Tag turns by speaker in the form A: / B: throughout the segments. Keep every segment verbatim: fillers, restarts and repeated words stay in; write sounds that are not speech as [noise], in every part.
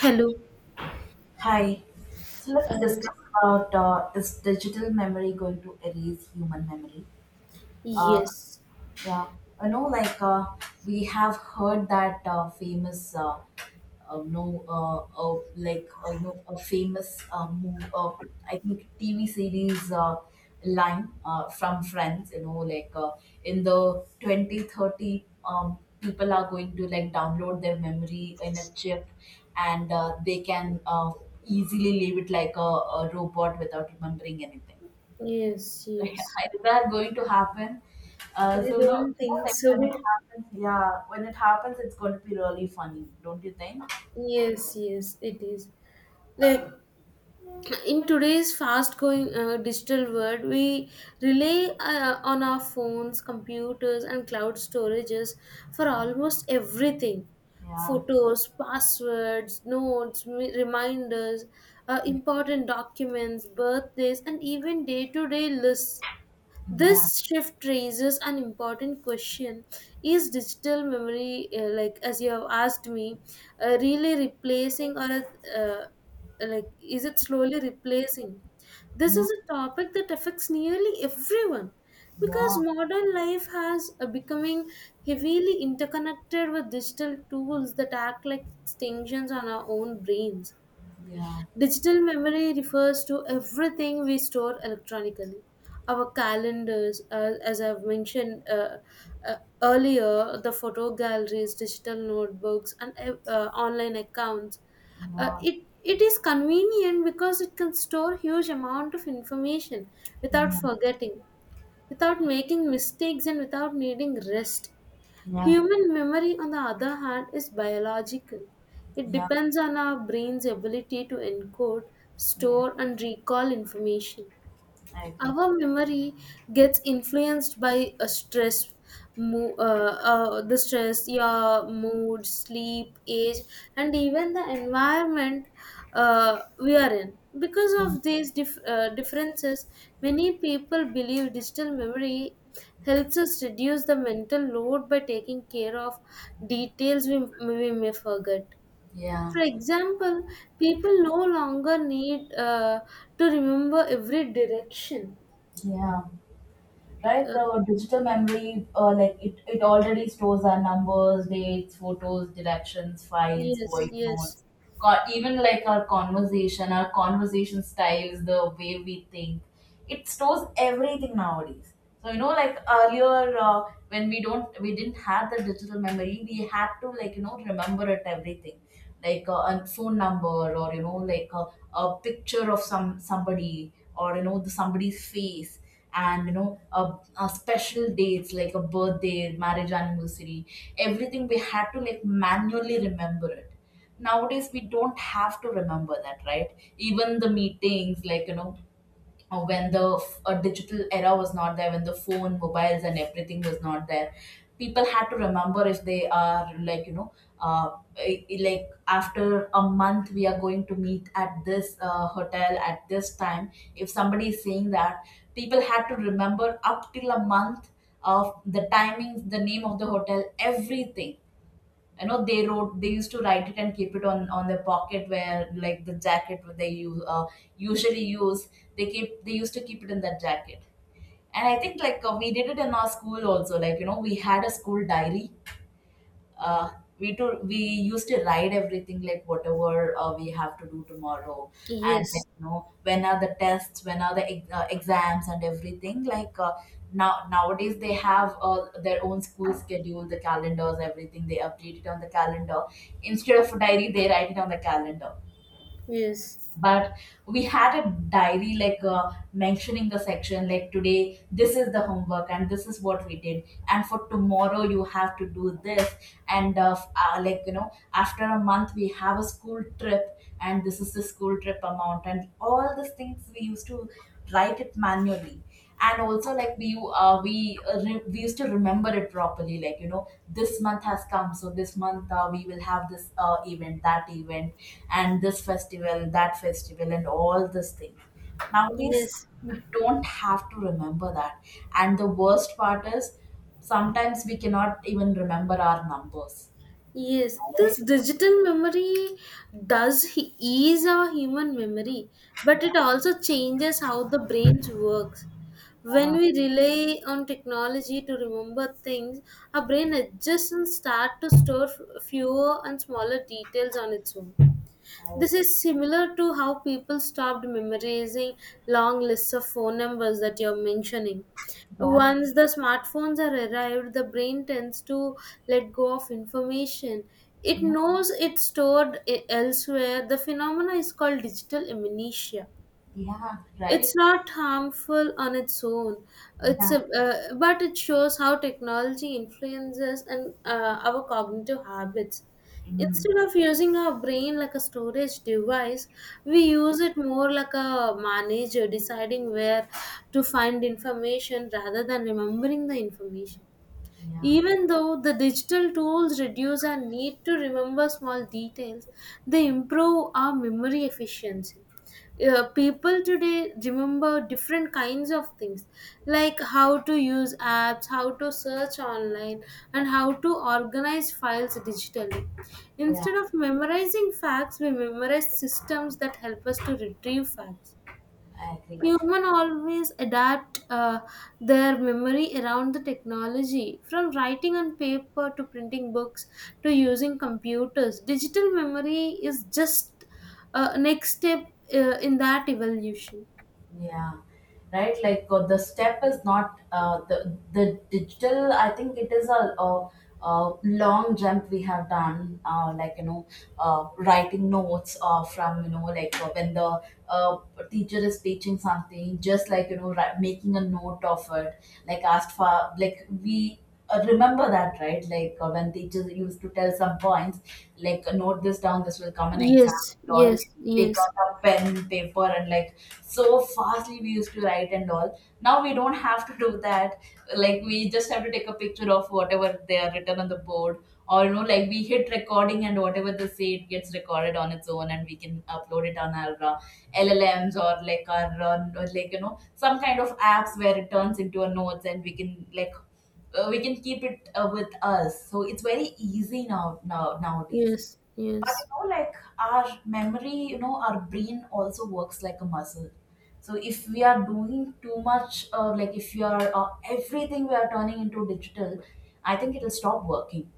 A: Hello.
B: Hi. So
A: Uh,
B: let's discuss about uh, is digital memory going to erase human memory? Uh,
A: yes,
B: yeah, I know, like uh, we have heard that uh, famous, uh, uh, no, uh, uh, like uh, you know, a famous uh, move, uh, I think T V series uh, line uh, from Friends. You know, like uh, in the twenty thirty, um, people are going to like download their memory in a chip, and uh, they can uh, easily leave it like a, a robot without remembering anything.
A: yes, yes.
B: [laughs] That going to happen. Uh, so
A: I
B: no, you
A: don't
B: know,
A: think
B: like when it
A: so.
B: happens, yeah, when it happens, it's going to be really funny, don't you think?
A: Yes, yes, it is. Like in today's fast-going uh, digital world, we rely uh, on our phones, computers, and cloud storages for almost everything.
B: Yeah,
A: Photos, passwords, notes, me- reminders, uh, important documents, birthdays, and even day-to-day lists.
B: yeah,
A: This shift raises an important question. Is digital memory, uh, like as you have asked me, uh, really replacing or uh, like is it slowly replacing? This
B: yeah,
A: is a topic that affects nearly everyone because
B: yeah,
A: modern life has uh, becoming heavily interconnected with digital tools that act like extensions on our own brains.
B: yeah,
A: Digital memory refers to everything we store electronically. Our calendars, uh, as I've mentioned uh, uh, earlier, the photo galleries, digital notebooks, and uh, uh, online accounts. Uh,
B: yeah,
A: it it is convenient because it can store huge amount of information without forgetting, without making mistakes, and without needing rest.
B: yeah, yeah,
A: Human memory, on the other hand, is biological. It
B: yeah.
A: depends on our brain's ability to encode,
B: Yeah.
A: store, and recall information.
B: I agree.
A: Our memory gets influenced by a stress, mo- uh, uh, the stress, your mood, sleep, age, and even the environment uh, we are in. Because of these dif- uh, differences, many people believe digital memory helps us reduce the mental load by taking care of details we, we may forget.
B: Yeah,
A: For example, people no longer need uh, to remember every direction.
B: yeah. Right,
A: uh,
B: the digital memory, uh, like, it, it already stores our numbers, dates, photos, directions, files,
A: yes,
B: voice
A: yes,
B: notes, co- even like our conversation our conversation styles, the way we think. It stores everything nowadays. So, you know, like earlier, uh, when we don't we didn't have the digital memory, we had to, like, you know, remember it everything. Like uh, a phone number, or you know, like a, a picture of some somebody, or you know, the somebody's face. And you know, uh, uh, special dates like a birthday, marriage anniversary, everything we had to like manually remember it. Nowadays we don't have to remember that, right? Even the meetings, like, you know, uh, when the f- uh, digital era was not there, when the phone, mobiles, and everything was not there, people had to remember if they are, like, you know, uh, i- i- like after a month we are going to meet at this uh, hotel at this time. If somebody is saying that, people had to remember up till a month of the timings, the name of the hotel, everything. You know, they wrote they used to write it and keep it on on their pocket where, like, the jacket what they use uh, usually use. They keep they used to keep it in that jacket. And I think, like, uh, we did it in our school also, like, you know, we had a school diary. Uh, we to we used to write everything, like whatever uh, we have to do tomorrow. And, like,
A: yes,
B: you know, when are the tests, when are the ex- uh, exams and everything, like, uh, now nowadays they have uh, their own school schedule, the calendars, everything they update it on the calendar. Instead of a diary, they write it on the calendar.
A: yes,
B: But we had a diary, like, uh, mentioning the section like today this is the homework and this is what we did, and for tomorrow you have to do this. And uh, f- uh, like, you know, after a month we have a school trip, and this is the school trip amount and all these things, we used to write it manually. And also, like, we uh, we uh, re- we used to remember it properly, like, you know, this month has come, so this month uh, we will have this uh, event, that event, and this festival, that festival, and all these things nowadays.
A: yes,
B: We don't have to remember that. And the worst part is sometimes we cannot even remember our numbers,
A: yes.
B: right?
A: This digital memory does he- ease our human memory, but it also changes how the brains works. When
B: Yeah,
A: we rely on technology to remember things, our brain adjusts and start to store f- fewer and smaller details on its own.
B: I
A: This
B: agree.
A: is similar to how people stopped memorizing long lists of phone numbers that you're mentioning.
B: Yeah,
A: Once the smartphones are arrived, the brain tends to let go of information. It
B: yeah,
A: knows it's stored i- elsewhere. The phenomena is called digital amnesia.
B: yeah.
A: It's
B: Right.
A: not harmful on its own. It's
B: Yeah.
A: a, uh, but it shows how technology influences and uh, our cognitive habits.
B: Mm.
A: Instead of using our brain like a storage device, we use it more like a manager deciding where to find information rather than remembering the information.
B: Yeah,
A: Even though the digital tools reduce our need to remember small details, they improve our memory efficiency. Uh, people today remember different kinds of things, like how to use apps, how to search online, and how to organize files digitally.
B: yeah.
A: Instead of memorizing facts, we memorize systems that help us to retrieve facts.
B: I agree.
A: Human always adapt uh, their memory around the technology. From writing on paper to printing books to using computers, digital memory is just uh, next step uh, in that evolution.
B: Yeah, right. Like, uh, the step is not uh, the the digital. I think it is a, a, a long jump we have done. Uh, like, you know, uh, writing notes uh, from, you know, like, uh, when the uh, teacher is teaching something, just, like, you know, ri- making a note of it, like asked for, like we uh, remember that, right? Like, uh, when teachers used to tell some points, like, uh, note this down, this will come in exam
A: Yes,
B: and all.
A: yes,
B: Take
A: yes,
B: out a pen, paper, and, like, so fastly we used to write and all. Now we don't have to do that. Like, we just have to take a picture of whatever they are written on the board. Or, you know, like, we hit recording and whatever they say, it gets recorded on its own, and we can upload it on our uh, L L Ms, or like our uh, or like you know, some kind of apps where it turns into a notes, and we can, like, uh, we can keep it uh, with us. So it's very easy now, now nowadays.
A: yes,
B: You
A: yes,
B: know, like, our memory, you know, our brain also works like a muscle. So if we are doing too much, uh, like, if we are, uh, everything we are turning into digital, I think it'll stop working,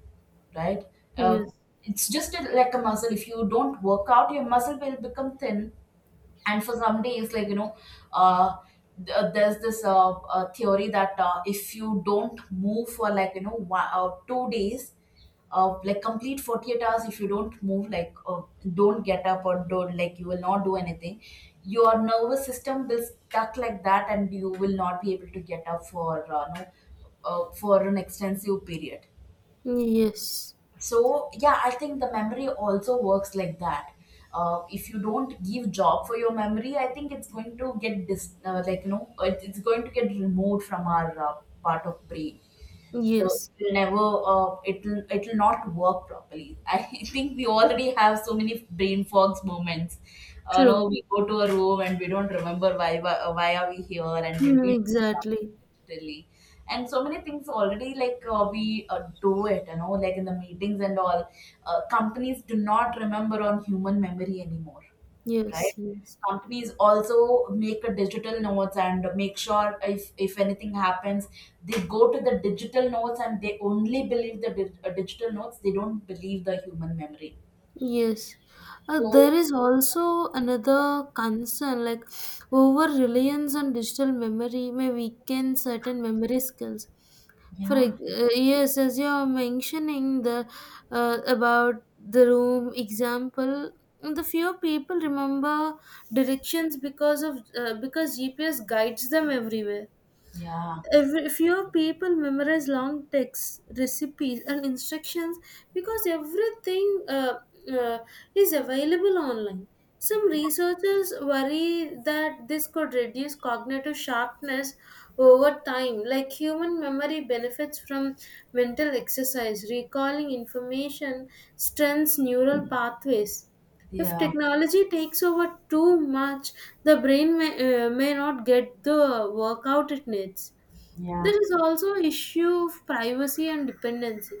B: right? Uh,
A: yes,
B: it's just a, like a muscle. If you don't work out, your muscle will become thin. And for some days, like, you know, uh, th- uh, there's this uh, uh, theory that uh, if you don't move for, like, you know, one, uh, two days, uh, like complete forty-eight hours, if you don't move, like, uh, don't get up or don't, like, you will not do anything, your nervous system will stuck like that, and you will not be able to get up for uh, no, uh, for an extensive period.
A: yes,
B: So yeah, I think the memory also works like that. Uh, if you don't give job for your memory, I think it's going to get dis- uh, like, you know, it- it's going to get removed from our uh, part of brain. the
A: yes.
B: it'll never uh, it'll it'll not work properly. [laughs] I think we already have so many brain fogs moments. Uh, no,
A: True.
B: we go to a room and we don't remember why why, uh, why are we here, and we'll
A: Hmm,
B: be doing
A: exactly.
B: something digitally. And so many things already, like, uh, we, uh, do it, you know, like in the meetings and all. Uh, companies do not remember on human memory anymore, right?
A: Yes, yes.
B: Companies also make a digital notes, and make sure if if anything happens, they go to the digital notes, and they only believe the dig- uh, digital notes. They don't believe the human memory.
A: Yes, uh,
B: So
A: there is also another concern, like over reliance on digital memory may weaken certain memory skills. For
B: yeah,
A: ex- uh, yes, as you are mentioning the uh, about the room example, the few people remember directions because of uh, because G P S guides them everywhere.
B: yeah,
A: Every few people memorize long texts, recipes, and instructions because everything uh, uh, is available online. Some researchers worry that this could reduce cognitive sharpness over time. Like human memory benefits from mental exercise, recalling information strengthens neural pathways. If
B: yeah,
A: technology takes over too much, the brain may, uh, may not get the workout it needs.
B: yeah,
A: There is also issue of privacy and dependency.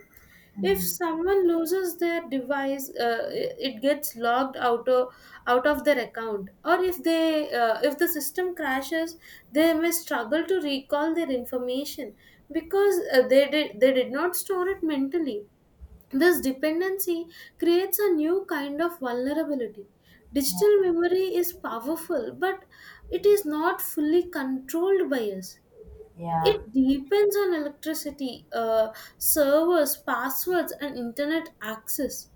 A: If
B: mm,
A: someone loses their device, uh, it gets logged out of, out of their account. Or if they uh, if the system crashes, they may struggle to recall their information because uh, they did they did not store it mentally. This dependency creates a new kind of vulnerability.
B: yeah,
A: Digital memory is powerful, but it is not fully controlled by us.
B: yeah,
A: It depends on electricity, uh, servers, passwords, and internet access.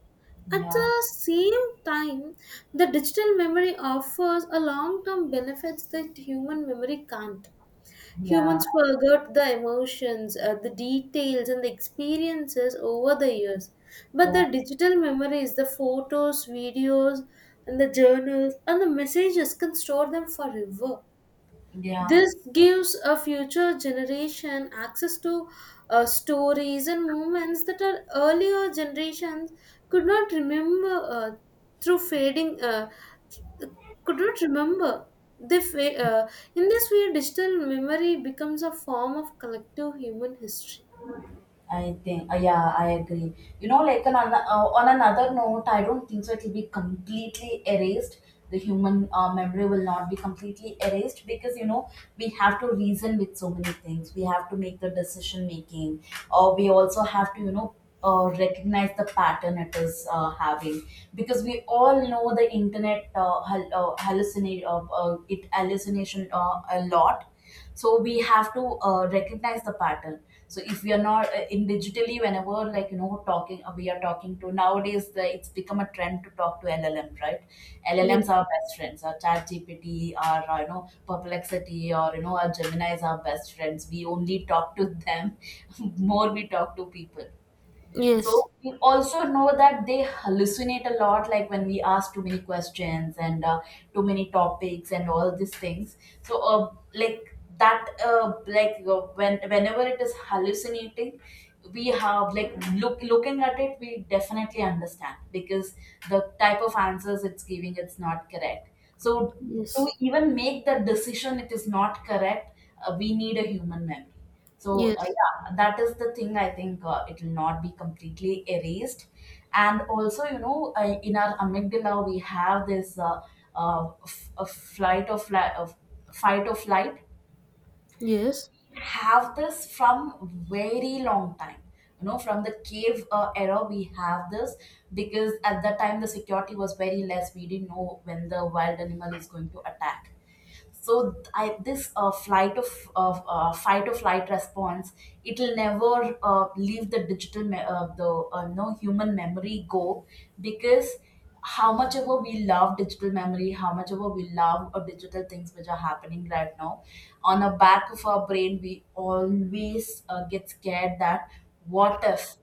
A: At
B: yeah,
A: the same time, the digital memory offers a long term benefits that human memory can't.
B: yeah,
A: Humans forgot the emotions, uh, the details, and the experiences over the years. But
B: yeah.
A: the digital memories, the photos, videos, and the journals, and the messages can store them forever.
B: Yeah.
A: This gives a future generation access to uh, stories and moments that our earlier generations could not remember uh, through fading, uh, could not remember. They fa- uh, in this way, digital memory becomes a form of collective human history.
B: I think, uh, yeah, I agree. You know, like, an, ano- uh, on another note, I don't think so it will be completely erased. The human uh, memory will not be completely erased because, you know, we have to reason with so many things. We have to make the decision making, or we also have to, you know, uh, recognize the pattern it is uh, having. Because we all know the internet uh, hal- uh, hallucinate, uh, uh, it hallucination uh, a lot. So we have to uh, recognize the pattern. So if we are not uh, in digitally, whenever, like, you know, talking, uh, we are talking to nowadays, the, it's become a trend to talk to L L M, right?
A: Yes,
B: llms are our best friends, our Chat G P T, our, uh, you know, Perplexity, or you know, our Gemini is our best friends, we only talk to them. [laughs] more we talk to people.
A: yes,
B: So we also know that they hallucinate a lot, like when we ask too many questions and uh, too many topics and all these things. So, uh, like that, uh, like, uh, when whenever it is hallucinating, we have, like, look looking at it, we definitely understand because the type of answers it's giving, it's not correct. So to
A: yes,
B: even make the decision, it is not correct. Uh, we need a human memory. So, uh,
A: yes,
B: yeah, that is the thing. I think uh, it will not be completely erased. And also, you know, uh, in our amygdala, we have this uh, uh, f- a flight or flight, of fight or flight.
A: yes,
B: Have this from very long time. You know, from the cave uh, era, we have this because at that time the security was very less. We didn't know when the wild animal is going to attack. So I, this uh, flight of, of uh, fight or flight response, it will never uh, leave the digital me- uh, the uh, no human memory go. Because how much ever we love digital memory, how much ever we love uh, digital things which are happening right now, on the back of our brain we always uh, get scared that what if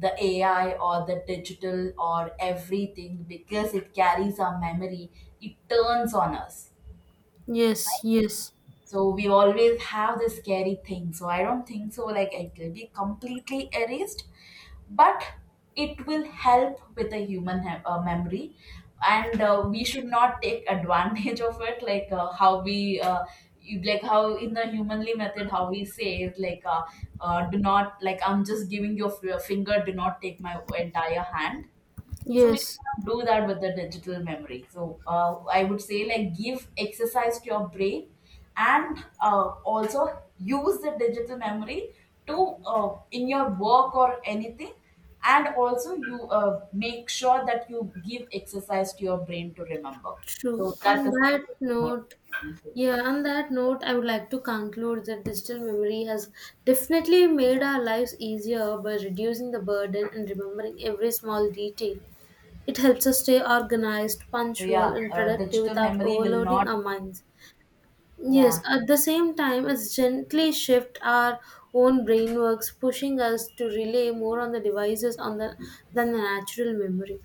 B: the A I or the digital or everything, because it carries our memory, it turns on us.
A: yes, yes,
B: So we always have this scary thing. So I don't think so, like it will be completely erased, but it will help with the human he- uh, memory. And uh, we should not take advantage [laughs] of it, like uh, how we, uh, you- like how in the humanly method, how we say is, like, uh, uh, do not, like, I'm just giving your f- your finger, do not take my entire hand. So we should
A: yes.
B: not do that with the digital memory. So, uh, I would say, like, give exercise to your brain, and uh, also use the digital memory to, uh, in your work or anything, and also you uh, make sure that you give exercise to your brain to remember.
A: True.
B: So that
A: On
B: is
A: that
B: my
A: note,
B: take, not
A: yeah, on that note, I would like to conclude that digital memory has definitely made
B: yeah.
A: our lives easier by reducing the burden and remembering every small detail. It helps us stay organized,
B: So
A: punctual,
B: yeah,
A: and
B: uh,
A: productive
B: digital
A: without
B: memory will
A: overloading
B: not.
A: our minds. Yes,
B: Yeah,
A: at the same time, it's gently shift our own brain works, pushing us to rely more on the devices on the, than the natural memory.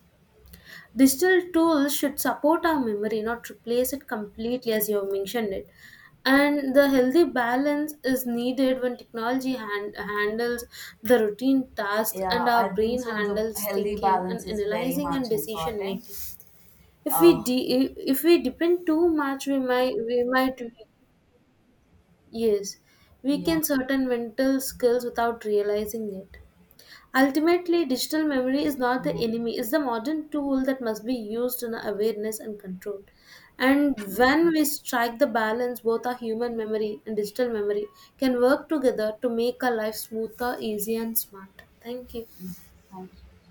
A: Digital tools should support our memory, not replace it completely, as you have mentioned it. And the healthy balance is needed when technology hand, handles the routine tasks and
B: yeah. I
A: our
B: think
A: brain
B: so. The
A: handles
B: healthy
A: thinking
B: balance
A: and
B: is very
A: analyzing and
B: much
A: decision
B: important.
A: making. If we
B: Uh,
A: de- if we depend too much, we might we might yes
B: yeah.
A: weaken certain mental skills without realizing it. Ultimately, digital memory is not the
B: Mm.
A: enemy, it's the modern tool that must be used in awareness and control. And when we strike the balance, both our human memory and digital memory can work together to make our life smoother, easier, and smarter. Thank you.
B: Thank you.